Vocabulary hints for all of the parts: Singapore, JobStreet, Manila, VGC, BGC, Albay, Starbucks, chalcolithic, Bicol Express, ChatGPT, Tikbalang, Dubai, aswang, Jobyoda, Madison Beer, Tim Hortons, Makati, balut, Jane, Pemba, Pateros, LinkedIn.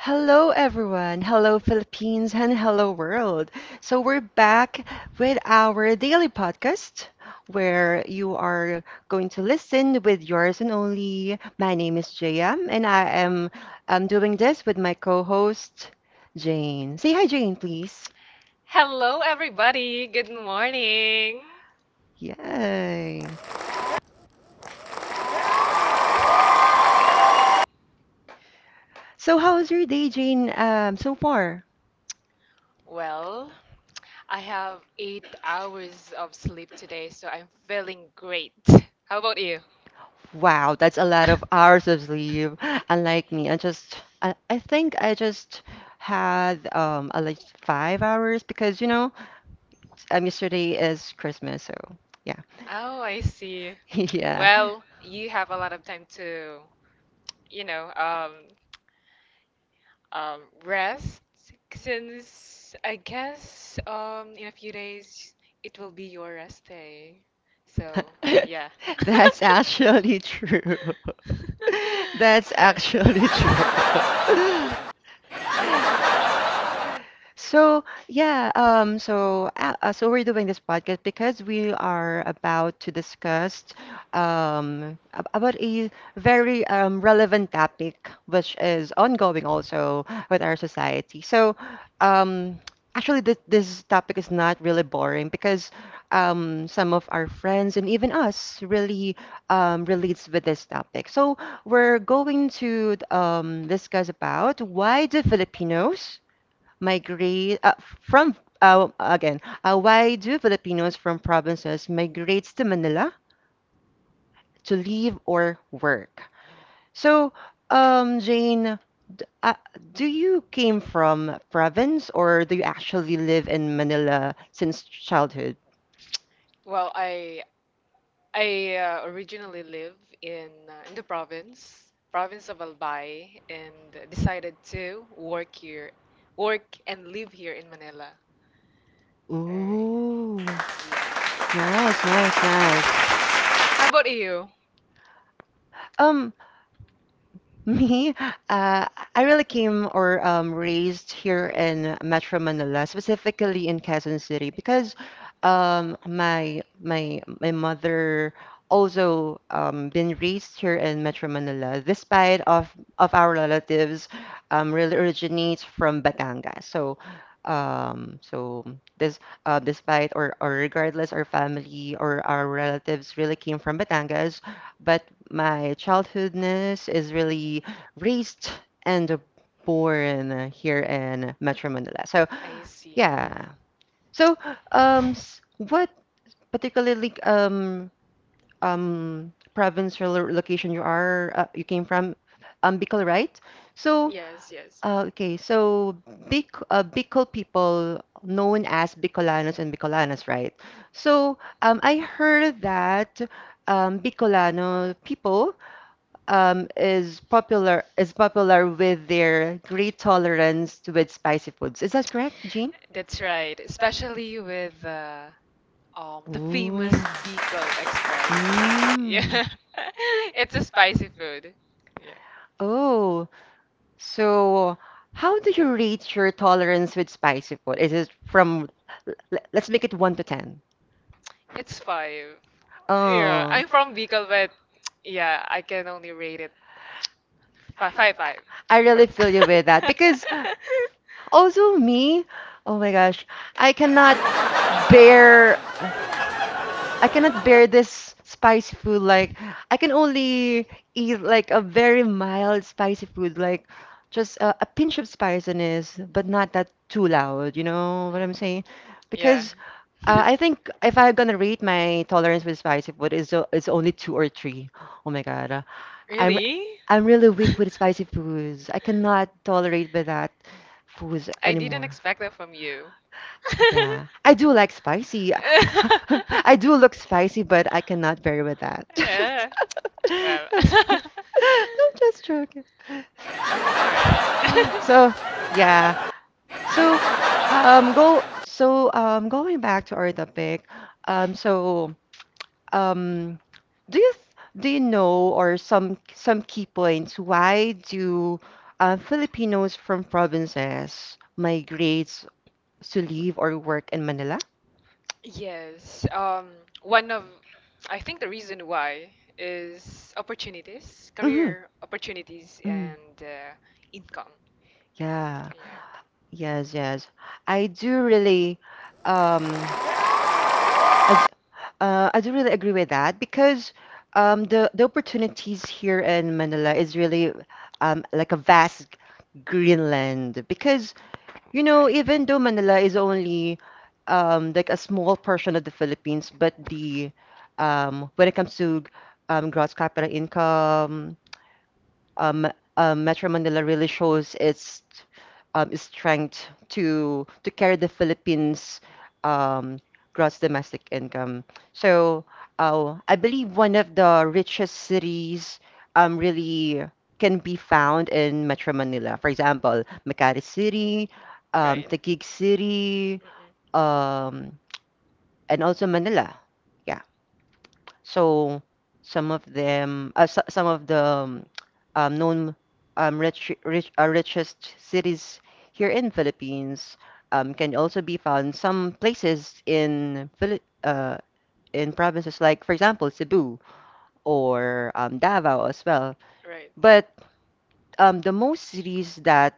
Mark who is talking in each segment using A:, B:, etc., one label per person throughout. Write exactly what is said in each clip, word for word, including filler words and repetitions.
A: Hello, everyone. Hello, Philippines, and hello, world. So, we're back with our daily podcast where you are going to listen with yours and only. My name is Jaya, and I am um, doing this with my co host, Jane. Say hi, Jane, please.
B: Hello, everybody. Good morning.
A: Yay. So, how's your day, Jane, um, so far?
B: Well, I have eight hours of sleep today, so I'm feeling great. How about you?
A: Wow, that's a lot of hours of sleep. Unlike me, I just, I, I think I just had um at least five hours because you know, um, yesterday is Christmas, so yeah.
B: Oh, I see.
A: Yeah.
B: Well, you have a lot of time to, you know, um, um, rest since I guess um, in a few days it will be your rest day. So, yeah.
A: That's actually true. That's actually
B: Uh,
A: true. So yeah, um, so uh, uh, so we're doing this podcast because we are about to discuss um, ab- about a very um, relevant topic which is ongoing also with our society. So um, Actually, this this topic is not really boring because um, some of our friends and even us really um, relates with this topic. So we're going to um, discuss about why do Filipinos migrate uh, from uh, again uh, why do Filipinos from provinces migrate to Manila to live or work? So, um, Jane, d- uh, do you came from province or do you actually live in Manila since childhood?
B: Well, I I uh, originally live in uh, in the province, province of Albay, and decided to work here, work and live here in Manila. Er,
A: Ooh,
B: yeah.
A: nice, nice, nice.
B: How about you?
A: Um, me, uh, I really came or um, raised here in Metro Manila, specifically in Quezon City, because um, my my my mother also um, been raised here in Metro Manila, despite of of our relatives um, really originates from Batangas. So, um, so this uh, Despite or or regardless, our family or our relatives really came from Batangas, but my childhoodness is really raised and born here in Metro Manila. So
B: I see.
A: yeah. So um, s- what particularly um um province or lo- location you are uh, you came from? Um, Bicol, right? So.
B: Yes, yes.
A: Uh, okay, so Bic uh, Bicol people known as Bicolanos and Bicolanas, right? So um, I heard that um, Bicolano people um, is popular is popular with their great tolerance with spicy foods. Is that correct, Jean?
B: That's right. Especially with uh, um the famous
A: Ooh.
B: Bicol Express.
A: Mm.
B: Yeah. It's a spicy food. Yeah.
A: Oh, so how do you rate your tolerance with spicy food? Is it from, l- l- let's make it one to ten.
B: It's five. Oh, yeah,
A: Oh,
B: I'm from Bicol, but yeah, I can only rate it fi- five five.
A: I really feel you with that because also me, oh my gosh, I cannot bear I cannot bear this spicy food. Like, I can only eat like a very mild spicy food, like just a, a pinch of spiciness, but not that too loud. You know what I'm
B: Mm,
A: saying?
B: yeah.
A: Because uh, I think if I'm gonna rate my tolerance with spicy food, it's, o- it's only two or three. Oh my God. uh, I'm
B: Really?
A: I'm really weak
B: i
A: with spicy foods. I cannot tolerate with that foods
B: didn't
A: anymore.
B: expect that from you. I
A: Yeah, I do like
B: do
A: spicy.
B: like spicy.
A: I
B: I do
A: do look
B: love
A: spicy,
B: spicy, but
A: but I cannot bear with that.
B: I cannot deal that. Yeah.
A: I'm
B: Well.
A: just joking.
B: All right.
A: So, yeah. So, um, go. So, um, going back to our topic. Um, so, um, do you th- do you know or some some key points? Why do uh, Filipinos from provinces migrate to live or work in Manila?
B: Yes. Um, one of, I think the reason why is opportunities,
A: Mm-hmm.
B: career opportunities,
A: Mm.
B: and uh, income.
A: Yeah.
B: Yeah.
A: Yes, yes. I do really um as uh I do really agree with that because um the the opportunities here in Manila is really um like a vast Greenland because you know,
B: Right.
A: even though Manila is only um like a small portion of the Philippines, but the um when it comes to um gross capital income, um, uh, Metro Manila really shows its um, strength to to carry the Philippines' um, gross domestic income. So uh, I believe one of the richest cities um, really can be found in Metro Manila. For example, Makati City, um,
B: Right.
A: Taguig City,
B: Mm-mm.
A: um, and also Manila. Yeah. So some of them, uh, so, some of the um, um, known um, rich, rich, uh, richest cities here in Philippines um, can also be found some places in Phili- uh, in provinces like, for example, Cebu or um, Davao as well.
B: Right.
A: But um, the most cities that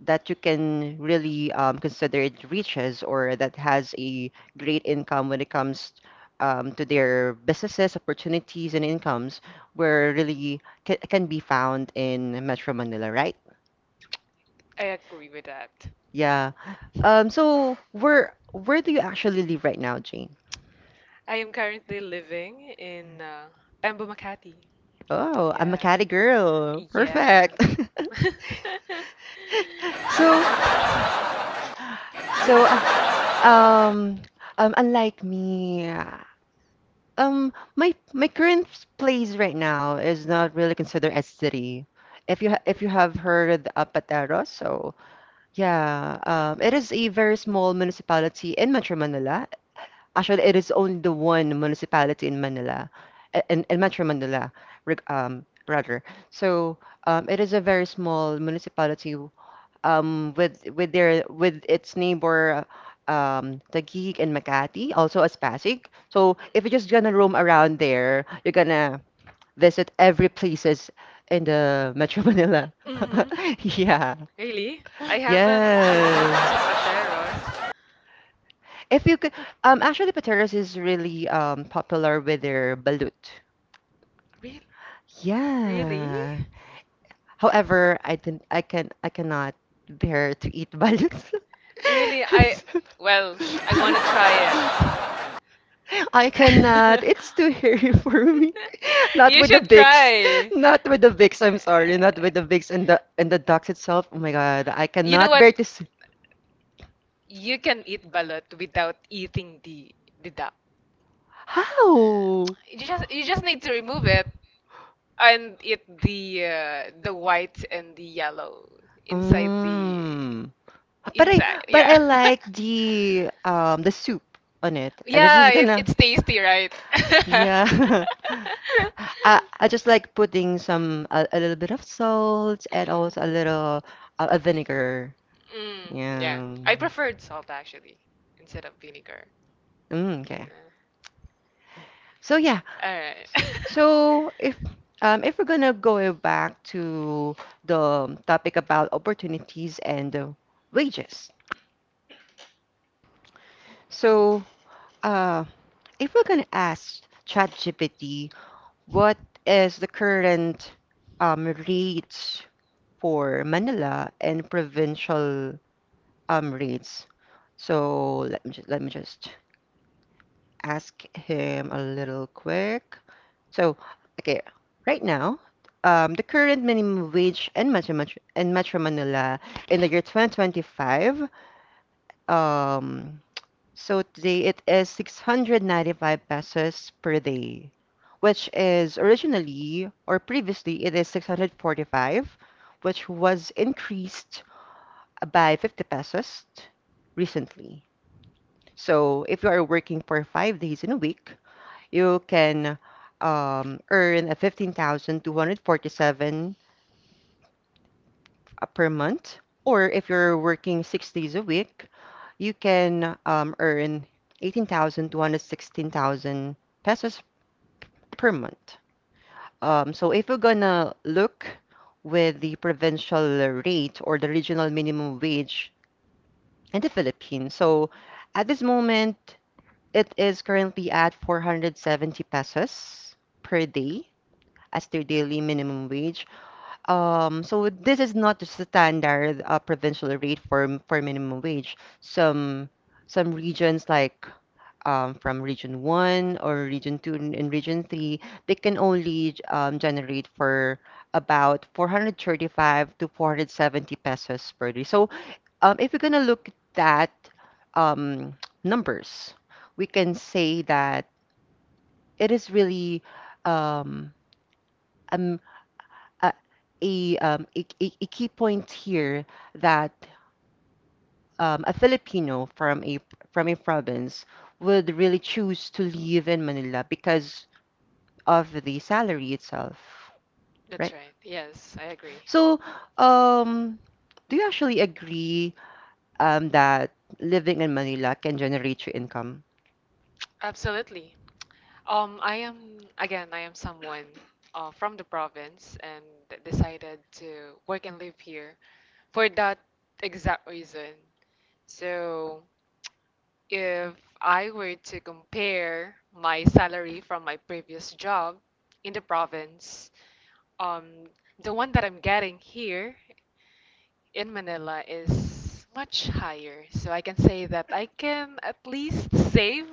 A: that you can really um, consider it reaches or that has a great income when it comes um, to their businesses, opportunities, and incomes were really can, can be found in Metro Manila, right?
B: I agree with that.
A: Yeah. Um, so where where do you actually live right now, Jane?
B: I am currently living in uh, Pemba, Makati.
A: Oh, I'm a
B: Yeah.
A: Cali girl.
B: Yeah.
A: Perfect. So, so uh, um, um, Unlike me, Um, my my current place right now is not really considered as city. If you ha if you have heard of
B: Mm.
A: Pateros, so yeah, um, it is a very small municipality in Metro Manila. Actually, it is only the one municipality in Manila, i- in, in Metro Manila, reg- um, rather. So, um, it is a very small municipality um, with with their with its neighbor, um, Taguig and Makati,
B: Mm.
A: also as Pasig. So if you're just gonna
B: Mm.
A: roam around there, you're gonna visit every places in the Metro Manila.
B: hmm
A: Yeah.
B: Really? I haven't been to
A: Yeah.
B: Pateros.
A: If you could, um, actually, Pateras is really um popular with their balut.
B: Re really?
A: Yeah. However, I didn't, I can, I cannot bear to eat balloons.
B: Really?
A: I'm
B: I
A: so-
B: well, I want to try it.
A: I cannot.
B: I
A: It's too hairy for me. Not
B: You Um,
A: with the
B: should
A: bigs.
B: try.
A: Not with the bigs. I'm sorry. Not with the bigs and the and the ducks itself. Oh my God. I
B: You know
A: cannot
B: what?
A: bear to see.
B: Speak. You can eat balut without eating the the duck.
A: How?
B: You just you just need to remove it and eat the uh, the white and the yellow inside the
A: Mm. But I
B: inside.
A: but
B: Yeah.
A: I like the um the soup on it. I'm just,
B: Yeah,
A: just
B: it,
A: gonna.
B: it's tasty, right?
A: Yeah. I I just like putting some a, a little bit of salt and
B: Mm.
A: also a little uh, a vinegar.
B: Mm, yeah. I
A: Yeah.
B: preferred salt actually instead of vinegar.
A: Mm, okay.
B: Yeah.
A: So yeah.
B: All right.
A: So if um if we're gonna go back to the topic about opportunities and uh, wages. So uh if we're gonna ask ChatGPT what is the current um rate for Manila and provincial um rates. So let me just, let me just ask him a little quick. So, okay, right now, um, the current minimum wage in Metro, Metro, in Metro Manila in the year twenty twenty-five, um, so today it is six hundred ninety-five pesos per day, which is originally or previously it is six hundred forty-five, which was increased by fifty pesos recently. So if you are working for five days in a week, you can um, earn a fifteen thousand two hundred forty-seven per month. Or if you're working six days a week, you can um, earn eighteen thousand two hundred sixteen thousand pesos per month. Um, so if we're gonna look with the provincial rate or the regional minimum wage in the Philippines, so at this moment, it is currently at four hundred seventy pesos per day as their daily minimum wage. Um, so this is not the standard uh, provincial rate for for minimum wage. Some some regions like um, from region one or region two and and region three, they can only um, generate for about four hundred thirty-five to four hundred seventy pesos per day. So um, if you're gonna look at that um, numbers, we can say that it is really um, um, a, a, um, a, a a key point here that um, a Filipino from a from a province would really choose to live in Manila because of the salary itself,
B: That's
A: right?
B: right. Yes, I agree.
A: So, um, do you actually agree um, that living in Manila can generate your income?
B: Absolutely. Um, I am, again, I am someone uh, from the province and decided to work and live here for that exact reason. So, if I were to compare my salary from my previous job in the province, um, the one that I'm getting here in Manila is much higher. So, I can say that I can at least save.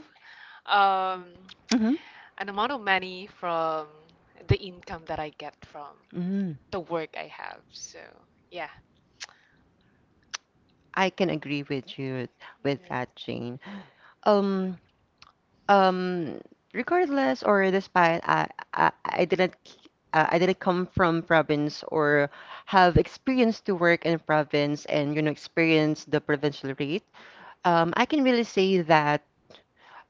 B: Um,
A: Hmm.
B: an amount of money from the income that I get from
A: Mm,
B: the work I have. So, yeah.
A: I can agree with you with
B: Yeah.
A: that, Jane. Um, um Regardless or despite I I, I didn't c- uh, I didn't come from province or have experience to work in province and you know experience the provincial rate. Um, I can really say that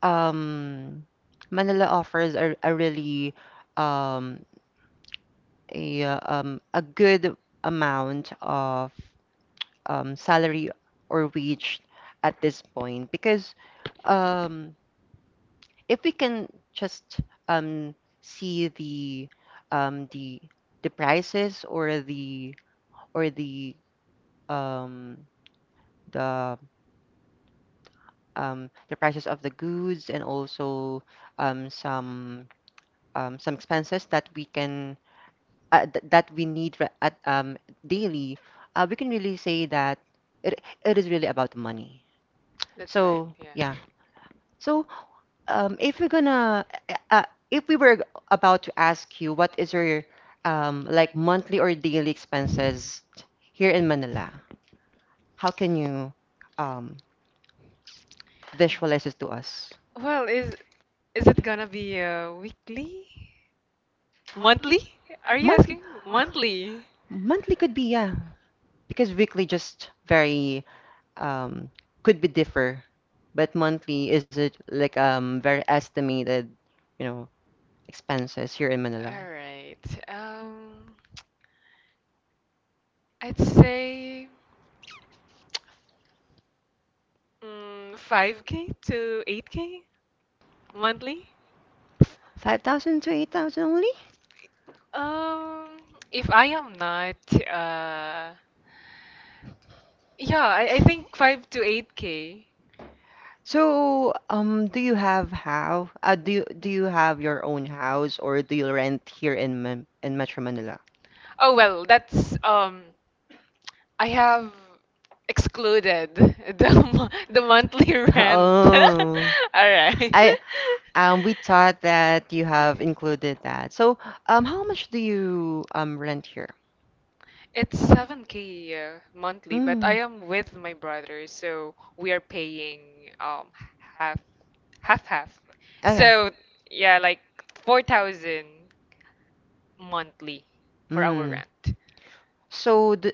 A: um, Manila offers a, a really um, a uh, um, a good amount of um, salary or wage at this point because um, if we can just um, see the um, the the prices or the or the um, the um, the prices of the goods and also um, some um, some expenses that we can uh, th that we need re- at um, daily, uh, we can really say that it it is really about money.
B: That's right.
A: So
B: Yeah.
A: yeah, so Um, if we're gonna, uh, uh, if we were about to ask you, what is your um, like monthly or daily expenses here in Manila? How can you um, visualize this to us?
B: Well, is is it gonna be uh, weekly? Monthly? Are you
A: Month
B: asking monthly?
A: Monthly could be, yeah, because weekly just very um, could be differ, but monthly is it like um very estimated, you know, expenses here in Manila?
B: All right. Um, I'd say mm, five k to eight k monthly.
A: five thousand to eight thousand only?
B: Um, if I am not uh Yeah, I, I think five to eight K.
A: So, um, do you have how? Uh, do you do you have your own house or do you rent here in Man in Metro Manila?
B: Oh well, that's um I have excluded the mo- the monthly rent. All
A: Oh,
B: right.
A: I um, we thought that you have included that. So, um, how much do you um rent here?
B: It's seven k uh, monthly, but I
A: Mm.
B: am with my brother, so we are paying um half half half.
A: Okay.
B: So, yeah, like four thousand monthly for our
A: Mm.
B: rent.
A: So the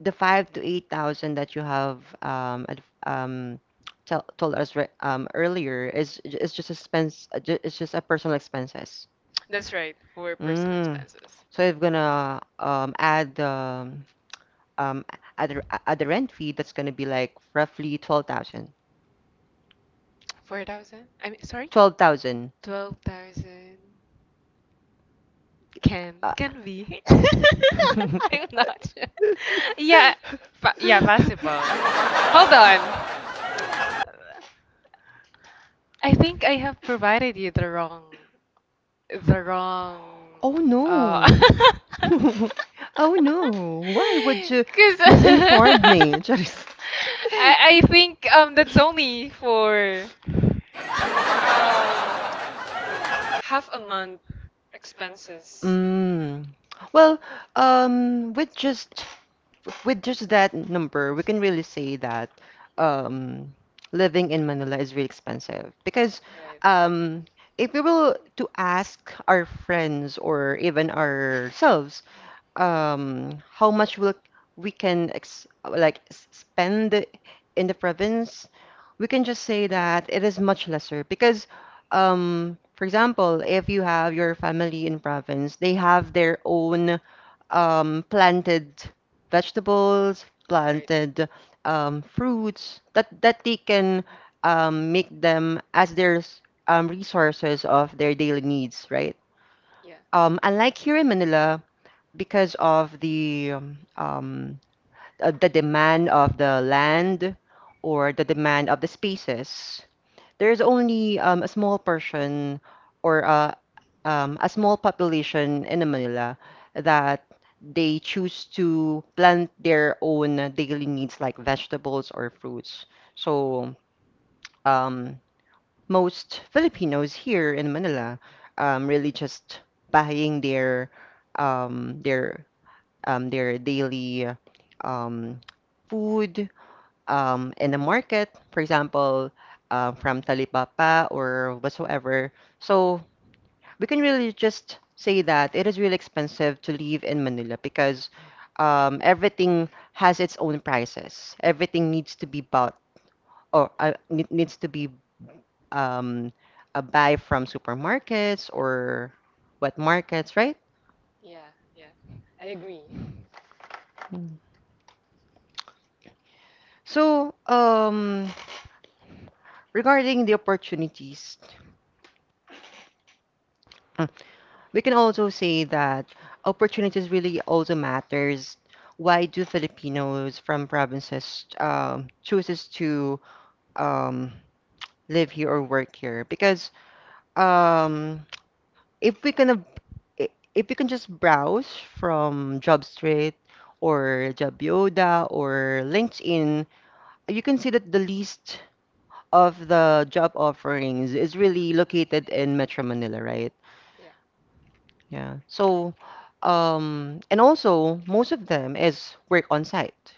A: the five to eight thousand that you have um ad- um tell, told us re um earlier is is just expense. uh, ju- It's just a personal expenses.
B: That's right, for personal
A: Mm.
B: expenses.
A: So if gonna um add um um add the- add the rent fee, that's gonna be like roughly twelve thousand.
B: four thousand? I mean, sorry?
A: Twelve thousand.
B: twelve thousand can
A: Uh,
B: can be. I'm not sure. Yeah, fa- yeah, possible. Hold on. I think I have provided you the wrong, the wrong,
A: oh
B: uh,
A: no. Oh no. Why would you
B: because
A: misinform me? Charis.
B: I I think um that's only for um half a month expenses.
A: Mm. Well, um, with just with just that number, we can really say that um, living in Manila is really expensive because
B: Right.
A: um, if we will to ask our friends or even ourselves,
B: Mm.
A: um, how much will we can ex like s- spend in the province, we can just say that it is much lesser because, um, for example, if you have your family in province, they have their own um, planted vegetables,
B: Right.
A: planted um, fruits that that they can um, make them as their s- um, resources of their daily needs, right?
B: Yeah.
A: Um, unlike here in Manila, because of the um, um, uh, the demand of the land or the demand of the spaces, there's only um, a small person or uh, um, a small population in Manila that they choose to plant their own daily needs like vegetables or fruits. So um, Most Filipinos here in Manila um, really just buying their um, their um, their daily um, food, um, in the market, for example, uh, from Talipapa or whatsoever. So we can really just say that it is really expensive to live in Manila because um, everything has its own prices. Everything needs to be bought or uh, ne- needs to be um, uh, buy from supermarkets or wet markets, right?
B: Yeah. Yeah. I agree.
A: So, um, regarding the opportunities. We can also say that opportunities really also matters. Why do Filipinos from provinces um, chooses to um, live here or work here? Because um, if we can ab- i- if we can just browse from JobStreet or Jobyoda or LinkedIn, you can see that the least of the job offerings is really located in Metro Manila, right?
B: Yeah.
A: Yeah. So, um, and also most of them is work on site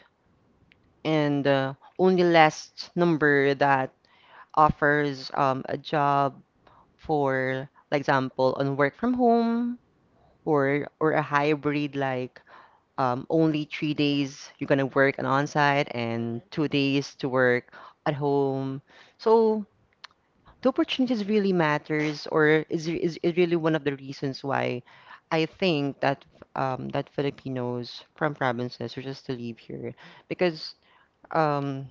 B: Mm-mm. Mm-mm.
A: and, uh,
B: Mm-mm.
A: only last number that offers um, a job for, like example, on work from home or or a hybrid like um, only three days you're gonna work on on site and two days to work at home. So the opportunities really matters or is, is is really one of the reasons why I think that um that Filipinos from provinces are just to leave here because um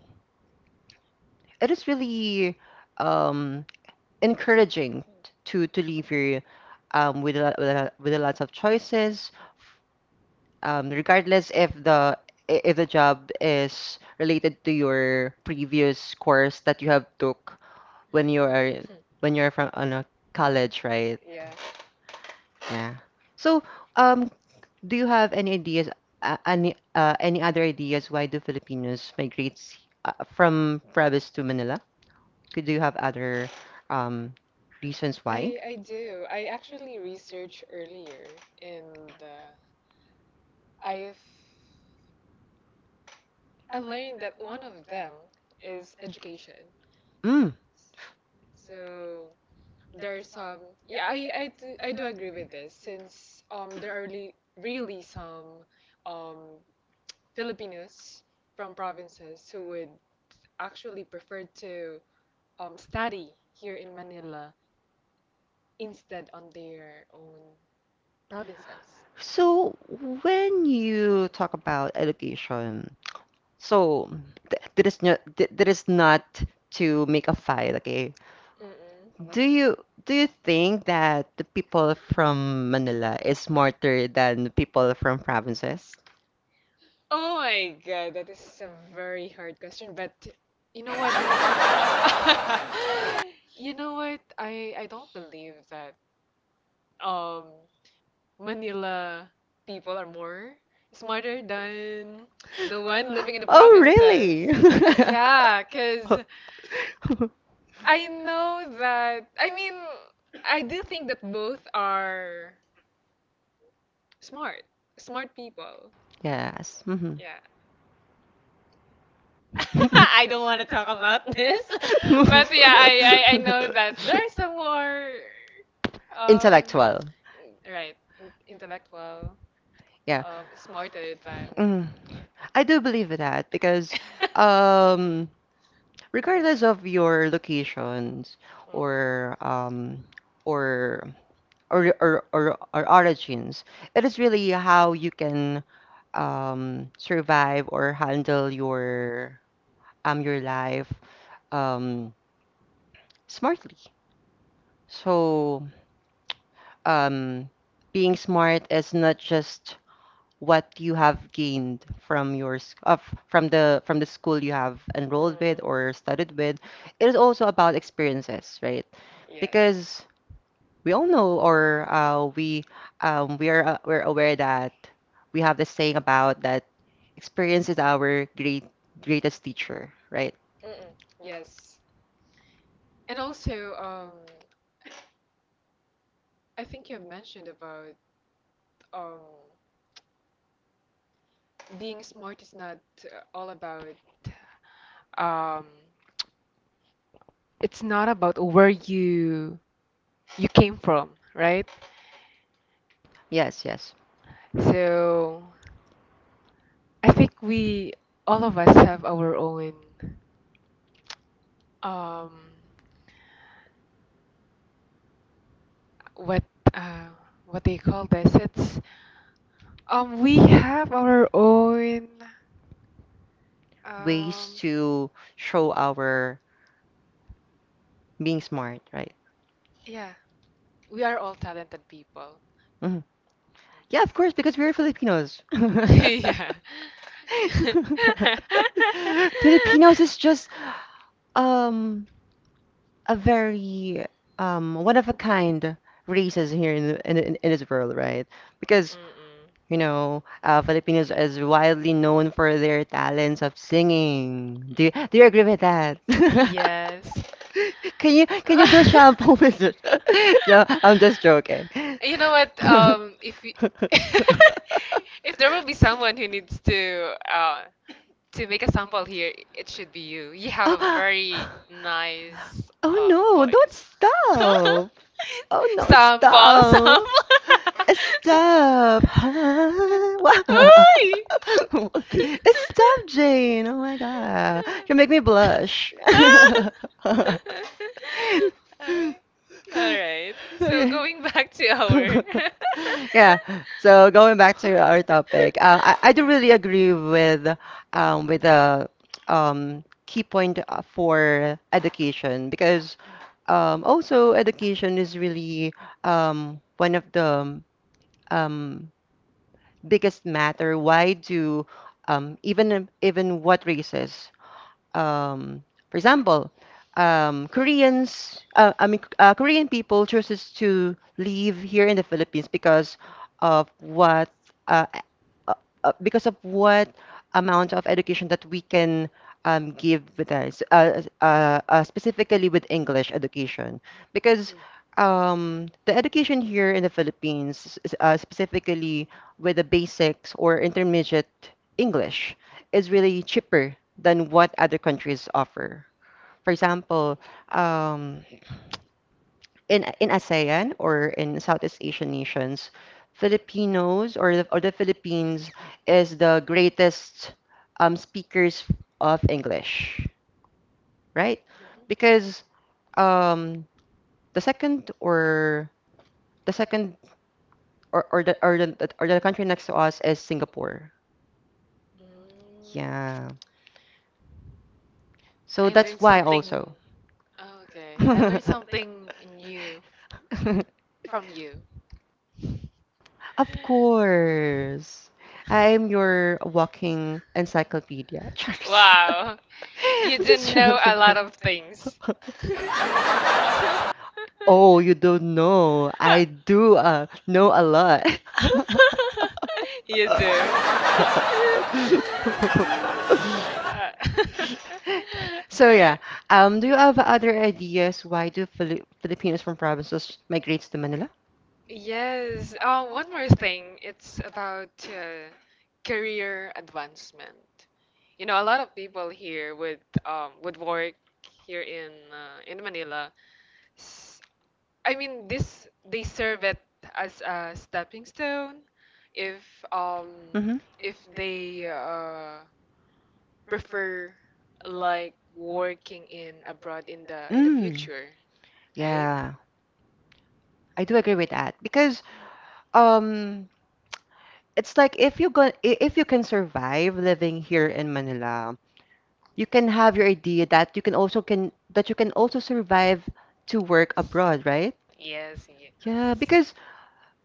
A: it is really um encouraging to to leave here um with a lot, with a lot, with a lots of choices um regardless if the i- if the job is related to your previous course that you have took when you are when you're from on a college, right?
B: Yeah.
A: Yeah. So, um, do you have any ideas, uh, any uh, any other ideas why do Filipinos migrate uh, from Province to Manila? Could you have other um reasons why?
B: I I do. I actually researched earlier, and uh, I've I learned that one of them is education.
A: Mm.
B: So There's um yeah I I do, I do agree with this since um there are really, really some um Filipinos from provinces who would actually prefer to um study here in Manila instead on their own provinces.
A: So, when you talk about education, so th there is no th there is not to make a fight, okay?
B: Yeah. Mm-mm.
A: Do you do you think that the people from Manila is smarter than the people from provinces?
B: Oh my God, that is a very hard question, but you know what? You know what? I I don't believe that um Manila people are more smarter than the one living in the
A: Oh,
B: provinces.
A: really?
B: Yeah, because I know that, I mean, I do think that both are smart, smart people.
A: Yes. Mhm.
B: Yeah. I don't want to talk about this, but yeah, I, I, I know that there are some more, um,
A: Intellectual.
B: right, in- intellectual,
A: Yeah.
B: um, smarter than.
A: Mm. I do believe that because um regardless of your locations or um or or or, or, or origins, it is really how you can um survive or handle your um your life um smartly. So um being smart is not just what you have gained from
B: Mm.
A: your sc- uh, f- from the from the school you have enrolled with or
B: Mm-mm.
A: studied with. It is also about experiences, right?
B: Yes.
A: Because we all know, or uh, we, um, we are uh, we're aware that we have this saying about that experience is our great greatest teacher, right?
B: Mm-mm. Yes. And also, um, I think you have mentioned about um, being smart is not uh, all about um, it's not about where you you came from, right?
A: Yes, yes.
B: So I think we all of us have our own um, what uh, what they call this. It's um, we have our own
A: Ways
B: um,
A: to show our being smart, right?
B: yeah. We are all talented people.
A: Mhm. Yeah, of course, because we're Filipinos.
B: yeah.
A: Filipinos is just um a very um one of a kind races here in the, in, in in this world, right? Because
B: Mm-mm.
A: you know, uh, Filipinos is widely known for their talents of singing. Do you, do you agree with that?
B: Yes.
A: Can you can you do shampoo with it? No, I'm just joking.
B: You know what? Um, if we, if there will be someone who needs to uh, to make a sample here, it should be you. You have a
A: Oh,
B: very nice
A: Oh
B: uh,
A: no, don't
B: voice.
A: stop. Oh no, stop,
B: sample, sample.
A: don't stop. stop. Stop. Huh? Wow.
B: Uy!
A: Stop, Jane. Oh my God. You make me blush.
B: Alright. Alright. So
A: Okay.
B: going back to our
A: Go. Yeah. So going back to our topic, uh, I, I do really agree with um, with the um, key point uh, for education because um, also education is really um, one of the um, biggest matter. Why do um, even even what races? um, for example, um, Koreans, uh, I mean, uh, Korean people chooses to live here in the Philippines because of what, uh, uh, uh, because of what amount of education that we can um, give with us, uh, uh, uh, specifically with English education, because
B: Yeah.
A: um, the education here in the Philippines, s- uh, specifically with the basics or intermediate English, is really cheaper than what other countries offer. For example,
B: Mm,
A: um, in in ASEAN or in Southeast Asian nations, Filipinos or the, or the Philippines is the greatest um, speakers of English, right?
B: mhm,
A: Because um, the second or the second or, or the or the or the country next to us is Singapore.
B: mm.
A: Yeah. So
B: I
A: that's
B: learned
A: why
B: something.
A: also.
B: Oh, okay. I learned something new from you.
A: Of course. I'm your walking encyclopedia. Charles.
B: Wow. You
A: I'm just
B: didn't know a
A: joking.
B: lot of things.
A: Oh, you don't know. I do uh, know a lot.
B: You do. Uh,
A: So yeah,
B: Alright.
A: um, do you have other ideas why do Fili Filipinos from provinces migrates to Manila?
B: Yes. Oh, one more thing. It's about uh, career advancement. You know, a lot of people here would um would work here in uh, in Manila. S- I mean, this they serve it as a stepping stone if um
A: Mm-hmm.
B: if they uh, prefer like working in abroad in the in the
A: Mm.
B: future, right?
A: Yeah. I do agree with that because um it's like if you go i- if you can survive living here in Manila, you can have your idea that you can also can that you can also survive to work abroad, right?
B: Right. Yes, yes.
A: Yeah, because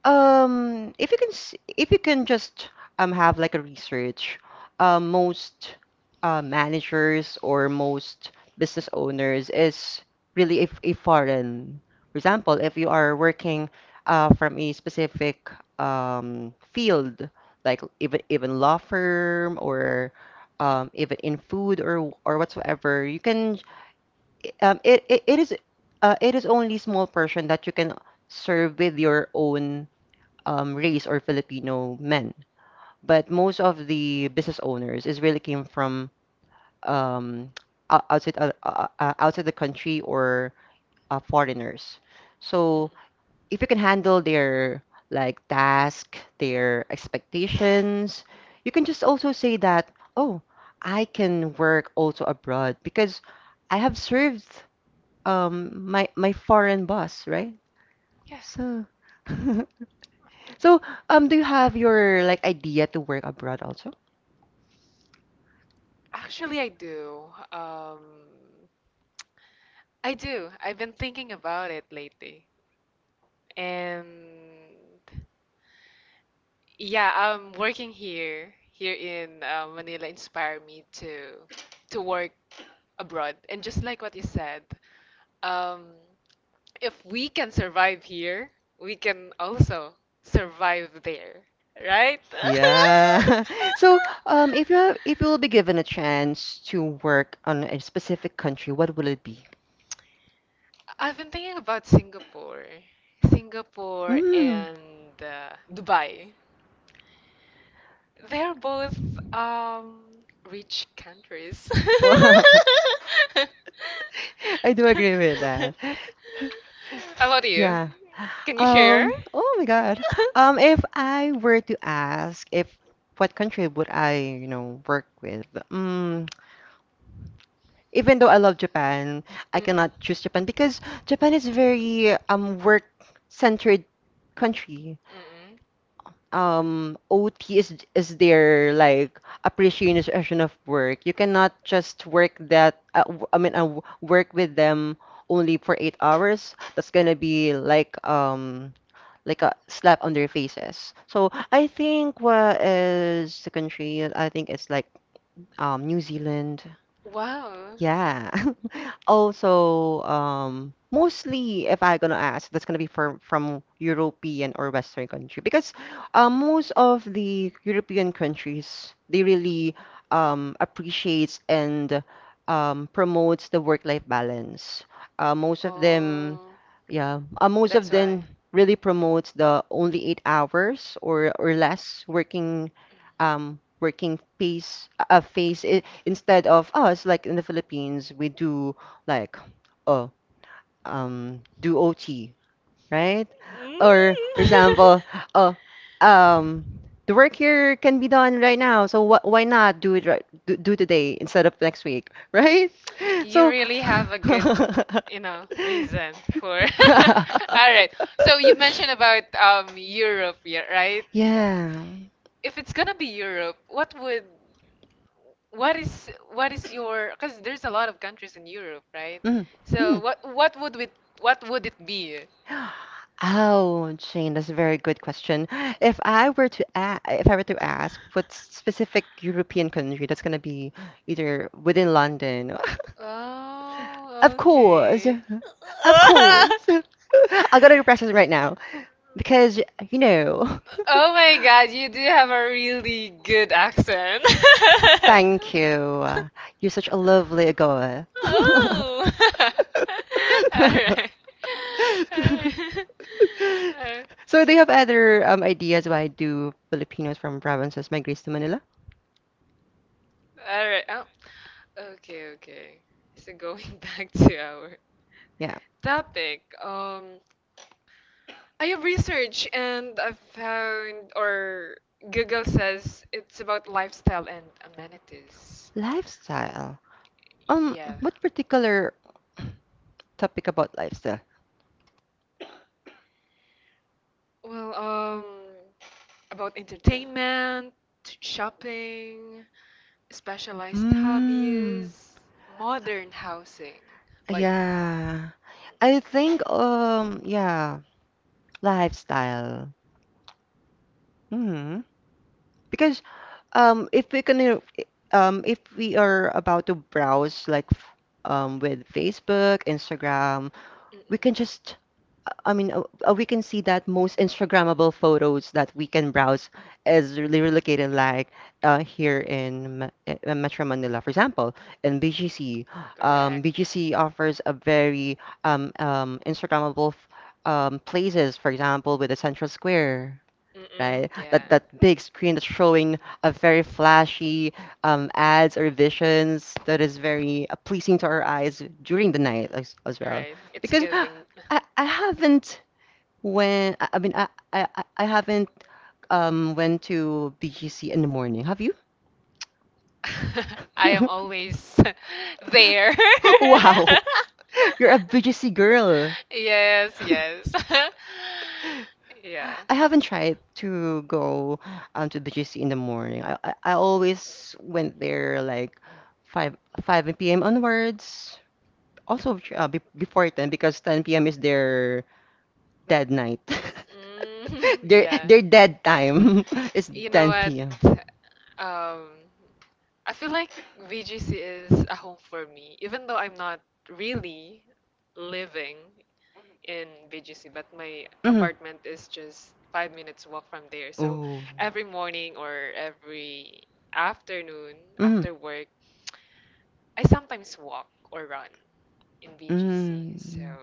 A: Um, if you can, s- if you can just um have like a research, uh, most uh, managers or most business owners is really if a foreign. For example, if you are working uh, from a specific um, field, like even even law firm or um, even in food or or whatsoever, you can um, it, it, it is uh, it is only small portion that you can serve with your own um, race or Filipino men. But most of the business owners is really came from um, ou- outside uh, uh, uh, outside the country or uh, foreigners. So if you can handle their like task, their expectations, you can just also say that, oh, I can work also abroad because I have served um, my my foreign boss, right? So So, um, do you have your like idea to work abroad also?
B: Actually, I do. Um, I do. I've been thinking about it lately. And yeah, um, working here, here in uh, Manila, inspired me to to work abroad. And just like what you said, um, if we can survive here, we can also survive there, right?
A: Yeah. So, um, if you have, if you will be given a chance to work on a specific country, what will it be?
B: I've been thinking about Singapore. Singapore
A: Mm.
B: and uh, Dubai. They're both um, rich countries.
A: Wow. I do agree with that.
B: How about you?
A: Yeah.
B: Can you share?
A: Um, oh my God. Um, if I were to ask if what country would I, you know, work with? Mm, even though I love Japan, I
B: Mm-mm.
A: cannot choose Japan because Japan is very um work-centered country.
B: Mm-mm.
A: Um, O T is is their like appreciation of work. You cannot just work that uh, w- I mean uh, w- work with them only for eight hours. That's gonna be like um like a slap on their faces. So I think what is the country? I think it's like um New Zealand.
B: Wow.
A: Yeah. Also, um, mostly, if I'm gonna ask, that's gonna be from from European or Western country because uh, most of the European countries they really um, appreciates and um, promotes the work-life balance. Uh, most of them,
B: Oh,
A: yeah, uh, most of
B: that's why.
A: them really promotes the only eight hours or or less working um working pace a phase, i- instead of us like in the Philippines we do like oh um do O T, right?
B: Mm.
A: Or for example, oh um the work here can be done right now, so wh why not do it right do, do today instead of next week, right?
B: You
A: So
B: really have a good, you know, reason for. All right. So you mentioned about um Europe, yeah, right?
A: Yeah.
B: If it's gonna be Europe, what would what is what is your because there's a lot of countries in Europe, right?
A: Mm.
B: So
A: Mm.
B: what what would it what would it be?
A: Oh, Jane, that's a very good question. If I were to a If I were to ask what specific European country, that's gonna be either within London. Of
B: Oh,
A: course.
B: okay.
A: Of course. I gotta do practice right now because you know.
B: Oh my God, you do have a really good accent.
A: Thank you. You're such a lovely girl.
B: Oh. All right. All right. Uh,
A: So, do you have other um, ideas why do Filipinos from provinces migrate to Manila?
B: All right. Oh, okay, okay. So going back to our
A: Yeah.
B: topic, um, I have research and I've found, or Google says it's about lifestyle and amenities.
A: Lifestyle. Um,
B: Yeah.
A: what particular topic about lifestyle?
B: Well, um, about entertainment, shopping, specialized
A: Mm,
B: hobbies, modern housing, like
A: yeah. I think um yeah, lifestyle. Hmm. Because um if we can uh, i- um if we are about to browse like f- um with Facebook, Instagram, we can
B: Mm-mm.
A: just, I mean, uh, uh, we can see that most Instagrammable photos that we can browse is really located like uh, here in, Ma- in in Metro Manila, for example, in B G C. Um,
B: Correct. Mm-mm.
A: B G C offers a very um, um, Instagrammable f- um, places, for example, with the Central Square, right? That
B: Yeah.
A: that big screen that's showing a very flashy um, ads or visions that is very uh, pleasing to our eyes during the night as, as
B: Mm-mm.
A: well.
B: Right. It's
A: Because
B: giving.
A: I, I haven't when I, I mean I, I, I I haven't um went to B G C in the morning. Have you?
B: I am always there.
A: Wow, you're a B G C girl.
B: Yes, yes. Yeah.
A: I haven't tried to go um, to B G C in the morning. I, I, I always went there like five five p m onwards. Also uh, be, before ten, because ten p m is their dead night.
B: Mhm,
A: their
B: Yeah.
A: their dead time is
B: You know what?
A: ten p m.
B: Um, I feel like V G C is a home for me, even though I'm not really living in V G C, but my
A: Mm.
B: apartment is just five minutes walk from there. So
A: Oh.
B: every morning or every afternoon
A: Mm.
B: after work, I sometimes walk or run in V G C. So
A: Mm.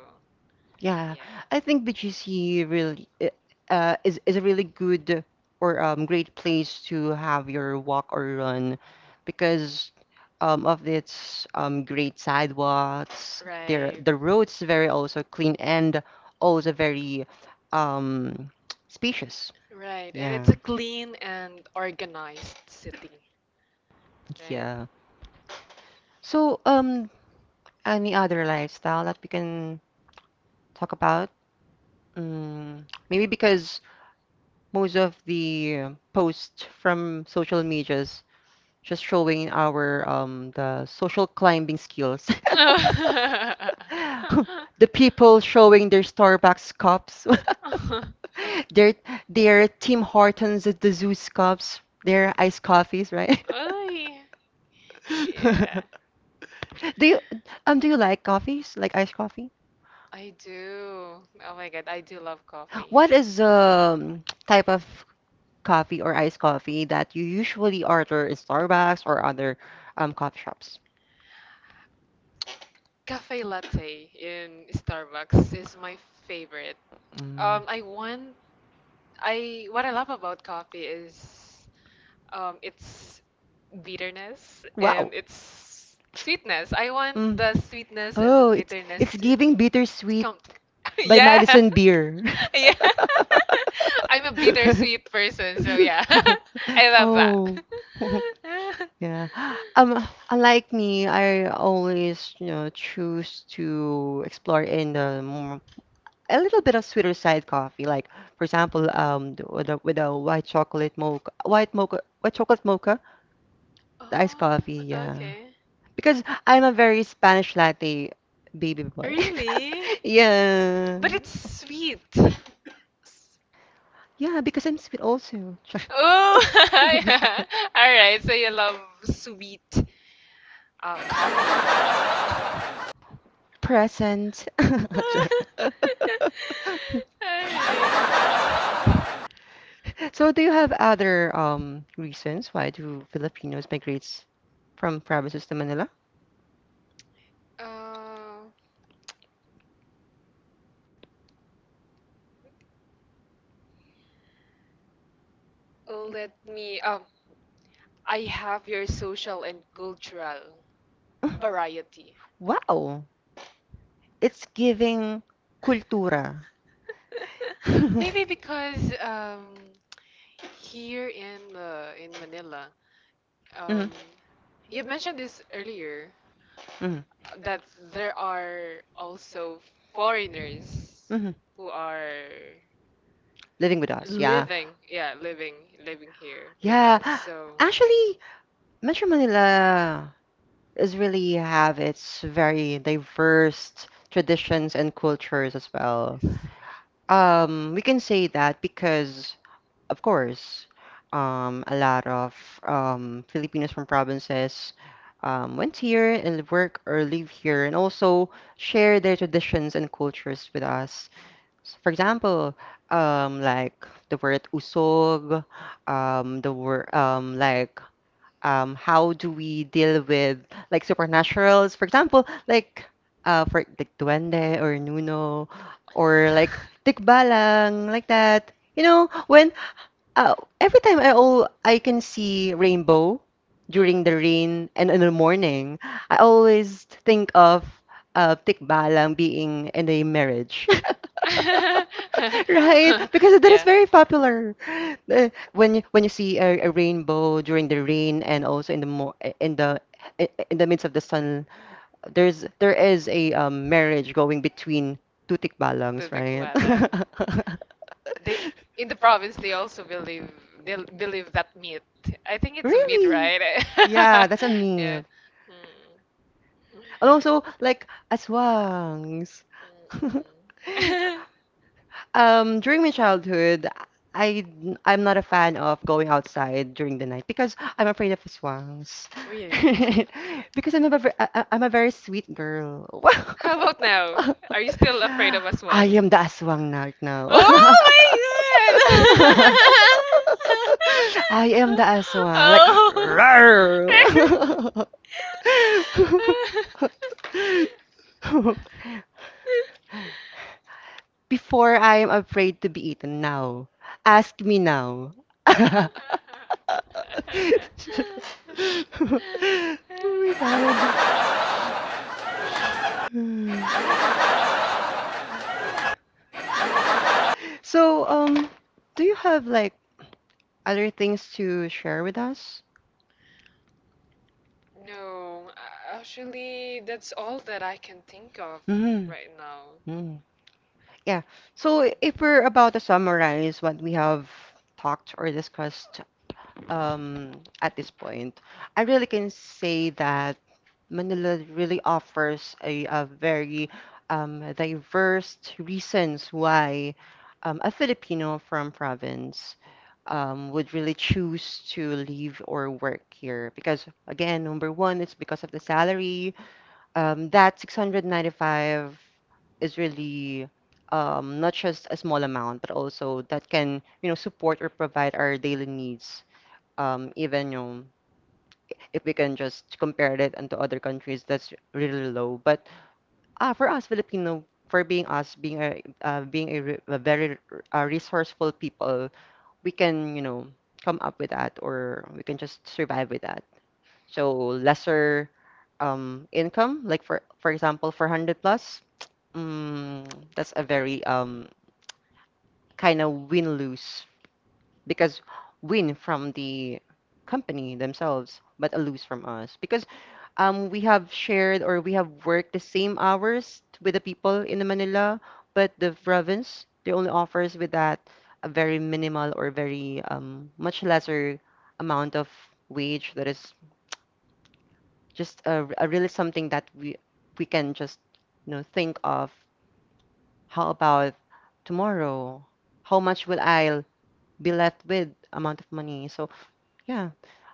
A: Yeah, I
B: yeah,
A: think B G C really uh, uh, is is a really good or um great place to have your walk or run because um of its um great sidewalks. There
B: right.
A: the roads very also clean and also very um spacious.
B: Right, and it's
A: Yeah.
B: a clean and organized city, right?
A: Yeah. So, um, any other lifestyle that we can talk about? Mm, maybe because most of the posts from social medias just showing our um the social climbing skills. The people showing their Starbucks cups, their their Tim Hortons at the Zeus cups, their iced coffees, right?
B: Oy. Yeah,
A: Do you um do you like coffees? Like iced coffee?
B: I do. Oh my God, I do love coffee.
A: What is um type of coffee or iced coffee that you usually order in Starbucks or other um, coffee shops?
B: Cafe latte in Starbucks is my favorite.
A: Mm.
B: Um, I want I what I love about coffee is um its bitterness
A: Wow.
B: and its sweetness. I want
A: Mm.
B: the sweetness and the
A: Oh, it's
B: bitterness
A: it's
B: to,
A: giving
B: to
A: bittersweet
B: come.
A: by
B: yeah,
A: Madison Beer.
B: Yeah. I'm a bittersweet person, so yeah. I love that.
A: Oh. Yeah. Um, unlike me, I always, you know, choose to explore in the more a little bit of sweeter side coffee, like for example, um, the- with a, with a white chocolate mocha, white mocha, white chocolate mocha, the iced
B: Oh,
A: coffee. Yeah,
B: okay.
A: because I'm a very Spanish latte baby boy. Really?
B: Really?
A: Yeah,
B: But it's sweet. S-
A: yeah, because I'm sweet also.
B: Oh, yeah. All right. So you love sweet uh, coffee. All
A: Present.
B: right.
A: So, do you have other um reasons why do Filipinos migrate from provinces to Manila?
B: Uh, let me. Um, I have your social and cultural variety.
A: Wow, it's giving cultura.
B: Maybe because um, here in uh, in Manila, um,
A: Mhm,
B: you mentioned this earlier
A: mhm,
B: that there are also foreigners
A: mhm.
B: who are
A: Living with us, yeah.
B: living, yeah, living living here with us.
A: Yeah,
B: So,
A: actually, Metro Manila is really have its very diverse traditions and cultures as well. Um, we can say that because of course, um, a lot of um, Filipinos from provinces um, went here and work or live here and also share their traditions and cultures with us. So for example, um, like the word usog, um, the word um, like um, how do we deal with like supernaturals? For example, like uh, for like duende or nuno or like tikbalang like that. You know, when uh, every time I all I can see rainbow during the
B: mm.
A: rain and in the morning, I always think of uh, Tikbalang being in a marriage, right? Because that is
B: yeah,
A: very popular. Uh, when you, when you see a, a rainbow during the rain and also in the mo in the in the midst of the sun, there's there is a um, marriage going between two
B: to
A: Tikbalangs, right?
B: Tikbalang. They In the province they also believe they believe that myth. I think it's a myth,
A: Really?
B: right?
A: Yeah, that's a
B: Yeah.
A: meme.
B: Mm.
A: And also, like, aswangs.
B: Mm-mm.
A: Um, during my childhood, I I'm not a fan of going outside during the night because I'm afraid of aswangs.
B: Really?
A: Because I'm a ver- I- I- I'm a very sweet girl.
B: How about now?
A: Wow.
B: Are you still afraid
A: I
B: of aswang?
A: am the aswang right now.
B: Oh my god!
A: I am the aswang, like
B: Oh.
A: "Rawr." Before I am afraid to be eaten now. Ask me now. Oh my God. So, um, do you have like other things to share with us?
B: No, a- actually, that's all that I can think of right now.
A: Mm-hmm. Mm. Yeah. So if we're about to summarize what we have talked or discussed, um, at this point, I really can say that Manila really offers a, a very um, diverse reasons why um, a Filipino from province um, would really choose to live or work here. Because again, number one, it's because of the salary. Um, that six hundred ninety-five is really um, not just a small amount, but also that can, you know, support or provide our daily needs. Um, even, you know, if we can just compare it unto other countries, that's really low. But uh, for us Filipino, for being us, being a uh, being a, re a very uh, resourceful people, we can, you know, come up with that, or we can just survive with that. So lesser um, income, like for for example, for one hundred plus, mm, that's a very um, kind of win-lose because win from the company themselves, but a lose from us. Because um, we have shared or we have worked the same hours with the people in the Manila, but the province, they only offers with that a very minimal or very um, much lesser amount of wage that is just a, a really something that we we can just, you know, think of how about tomorrow, how much will I be left with amount of money. So yeah.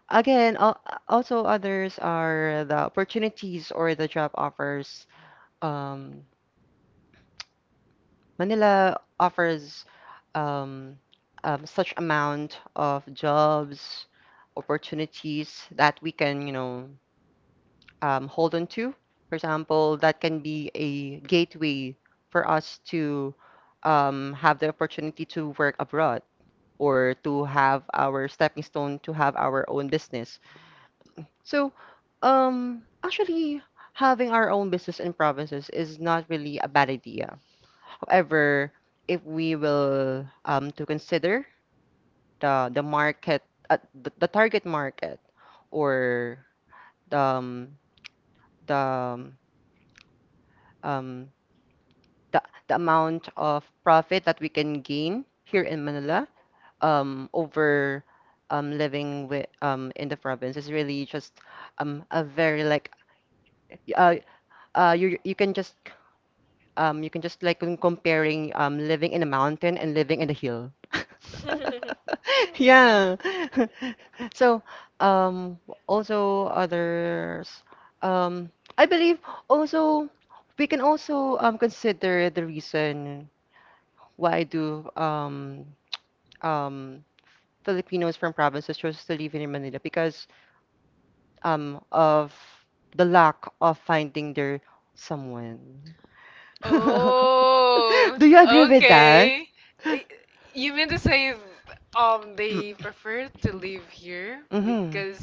A: Again, al- Also others are the opportunities or the job offers. Um, Manila offers um, um, such amount of jobs, opportunities that we can, you know, um, hold on to. For example, that can be a gateway for us to um, have the opportunity to work abroad or to have our stepping stone to have our own business. So, um, actually, having our own business in provinces is not really a bad idea. However, if we will um to consider the the market, uh, the, the target market, or the um, the um um, the, the amount of profit that we can gain here in Manila um over um living with um in the province is really just um a very like y- uh uh you you can just, um, you can just like when comparing um living in a mountain and living in a hill.
B: Mhm. Mhm. Yeah.
A: Yeah. So, um, also others, um, I believe also we can also um consider the reason why do um um Filipinos from provinces chose to live in Manila because um of the lack of finding their someone.
B: Oh,
A: Do you agree with that? Okay.
B: okay. Uh, You mean to say um they preferred to live here
A: Mm-hmm.
B: because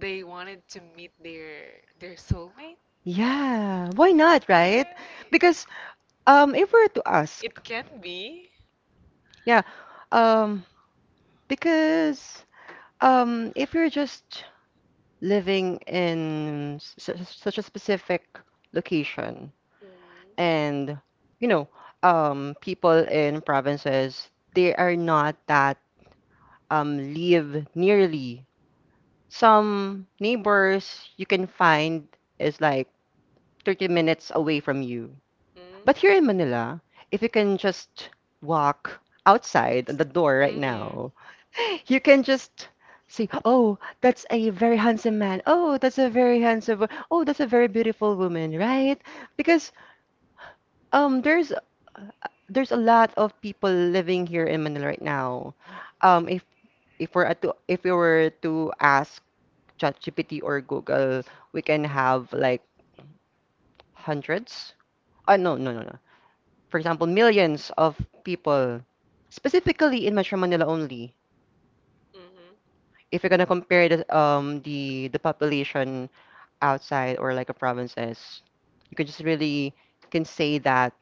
B: they wanted to meet their their soulmate?
A: Yeah, why not, right? Because um, if we're to ask,
B: It can be.
A: yeah, um, because um, if you're just living in su su- such a specific location,
B: Mm.
A: and you know, um, people in provinces, they are not that um live nearly. Some neighbors you can find is like thirty minutes away from you.
B: Mm-mm.
A: But here in Manila, if you can just walk outside the door right now, you can just see, oh, that's a very handsome man. Oh, that's a very handsome, wo- oh, that's a very beautiful woman, right? Because um there's uh, there's a lot of people living here in Manila right now. Um, if if we're at to if we were to ask ChatGPT or Google, we can have like hundreds. Uh, no, no, no, no. For example, millions of people, specifically in Metro Manila only.
B: Mm-hmm.
A: If you're gonna compare the um the the population outside or like a provinces, you can just really can say that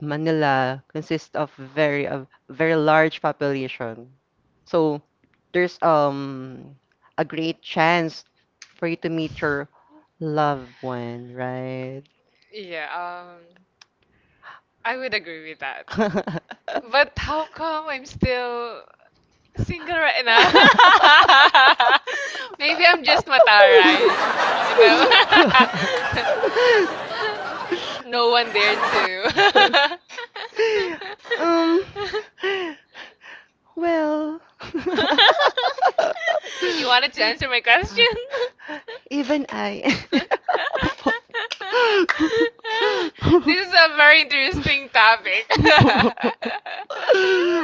A: Manila consists of very a very large population. So there's um a great chance for you to meet your loved one, right?
B: Yeah, um, I would agree with that. But how come I'm still single right now. Maybe I'm just mataray. You know?
A: You
B: No one there to.
A: too. um, well,
B: You wanted to answer my question?
A: even I.
B: This is a very interesting topic.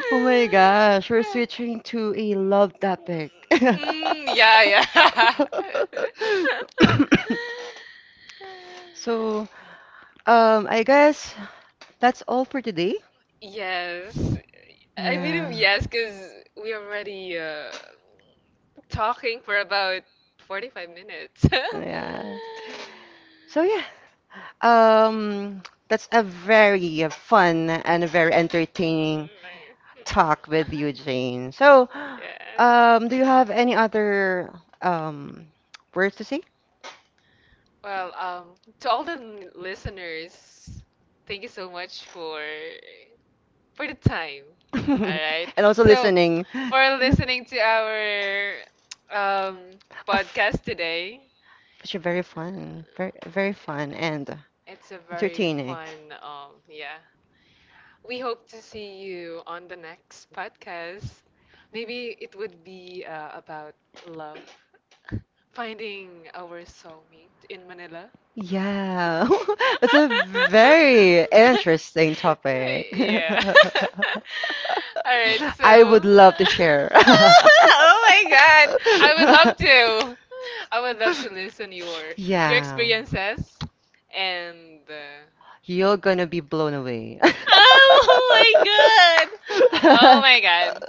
A: Oh my gosh, we're switching to a love topic.
B: Mm, yeah, yeah.
A: So, um, I guess that's all for today.
B: Yes. I
A: Yeah.
B: mean, yes, because we already uh, talking for about forty-five minutes.
A: Yeah. So yeah, um, that's a very fun and a very entertaining talk with you, Jane. So,
B: Yes.
A: um, do you have any other um words to say?
B: Well, um, to all the n- listeners, thank you so much for for the time.
A: Right.
B: All
A: And
B: right.
A: right. Also
B: So,
A: listening.
B: for
A: For
B: listening to our um,
A: a f-
B: podcast today,
A: which are very fun, very very fun and it's
B: it's a
A: a
B: very
A: entertaining.
B: fun. Um, yeah, we hope to see you on the next podcast. Maybe it would be uh, about love, finding our soulmate in Manila.
A: Yeah, that's a very interesting topic.
B: Yeah. All right,
A: I would
B: so.
A: love to share. Oh,
B: oh my god. I would love to. I would love to listen your your
A: yeah,
B: experiences and uh,
A: you're gonna be blown away.
B: Oh my god.
A: Oh
B: Oh
A: God.
B: my god.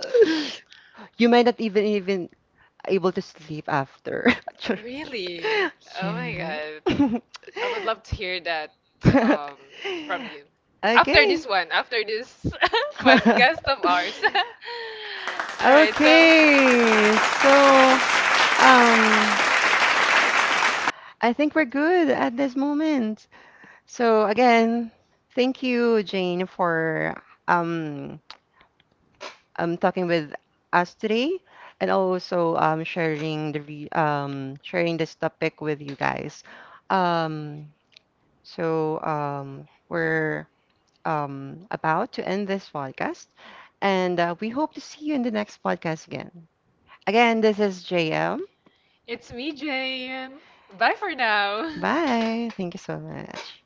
A: You might not even even able to sleep after.
B: Really?
A: Oh,
B: Oh my
A: yeah.
B: god.
A: I would love
B: I would love to hear that um, from you.
A: after,
B: After
A: okay.
B: this one, after this podcast of ours. All right, so
A: Okay, so um, I think we're good at this moment. So again, thank you, Jane, for um, um talking with us today, and also um sharing the re um sharing this topic with you guys. Um, so um, we're um about to end this podcast, and uh, we hope to see you in the next podcast again. Again, this is J M.
B: it's me, Jane. Bye for now.
A: Bye. Thank you so much.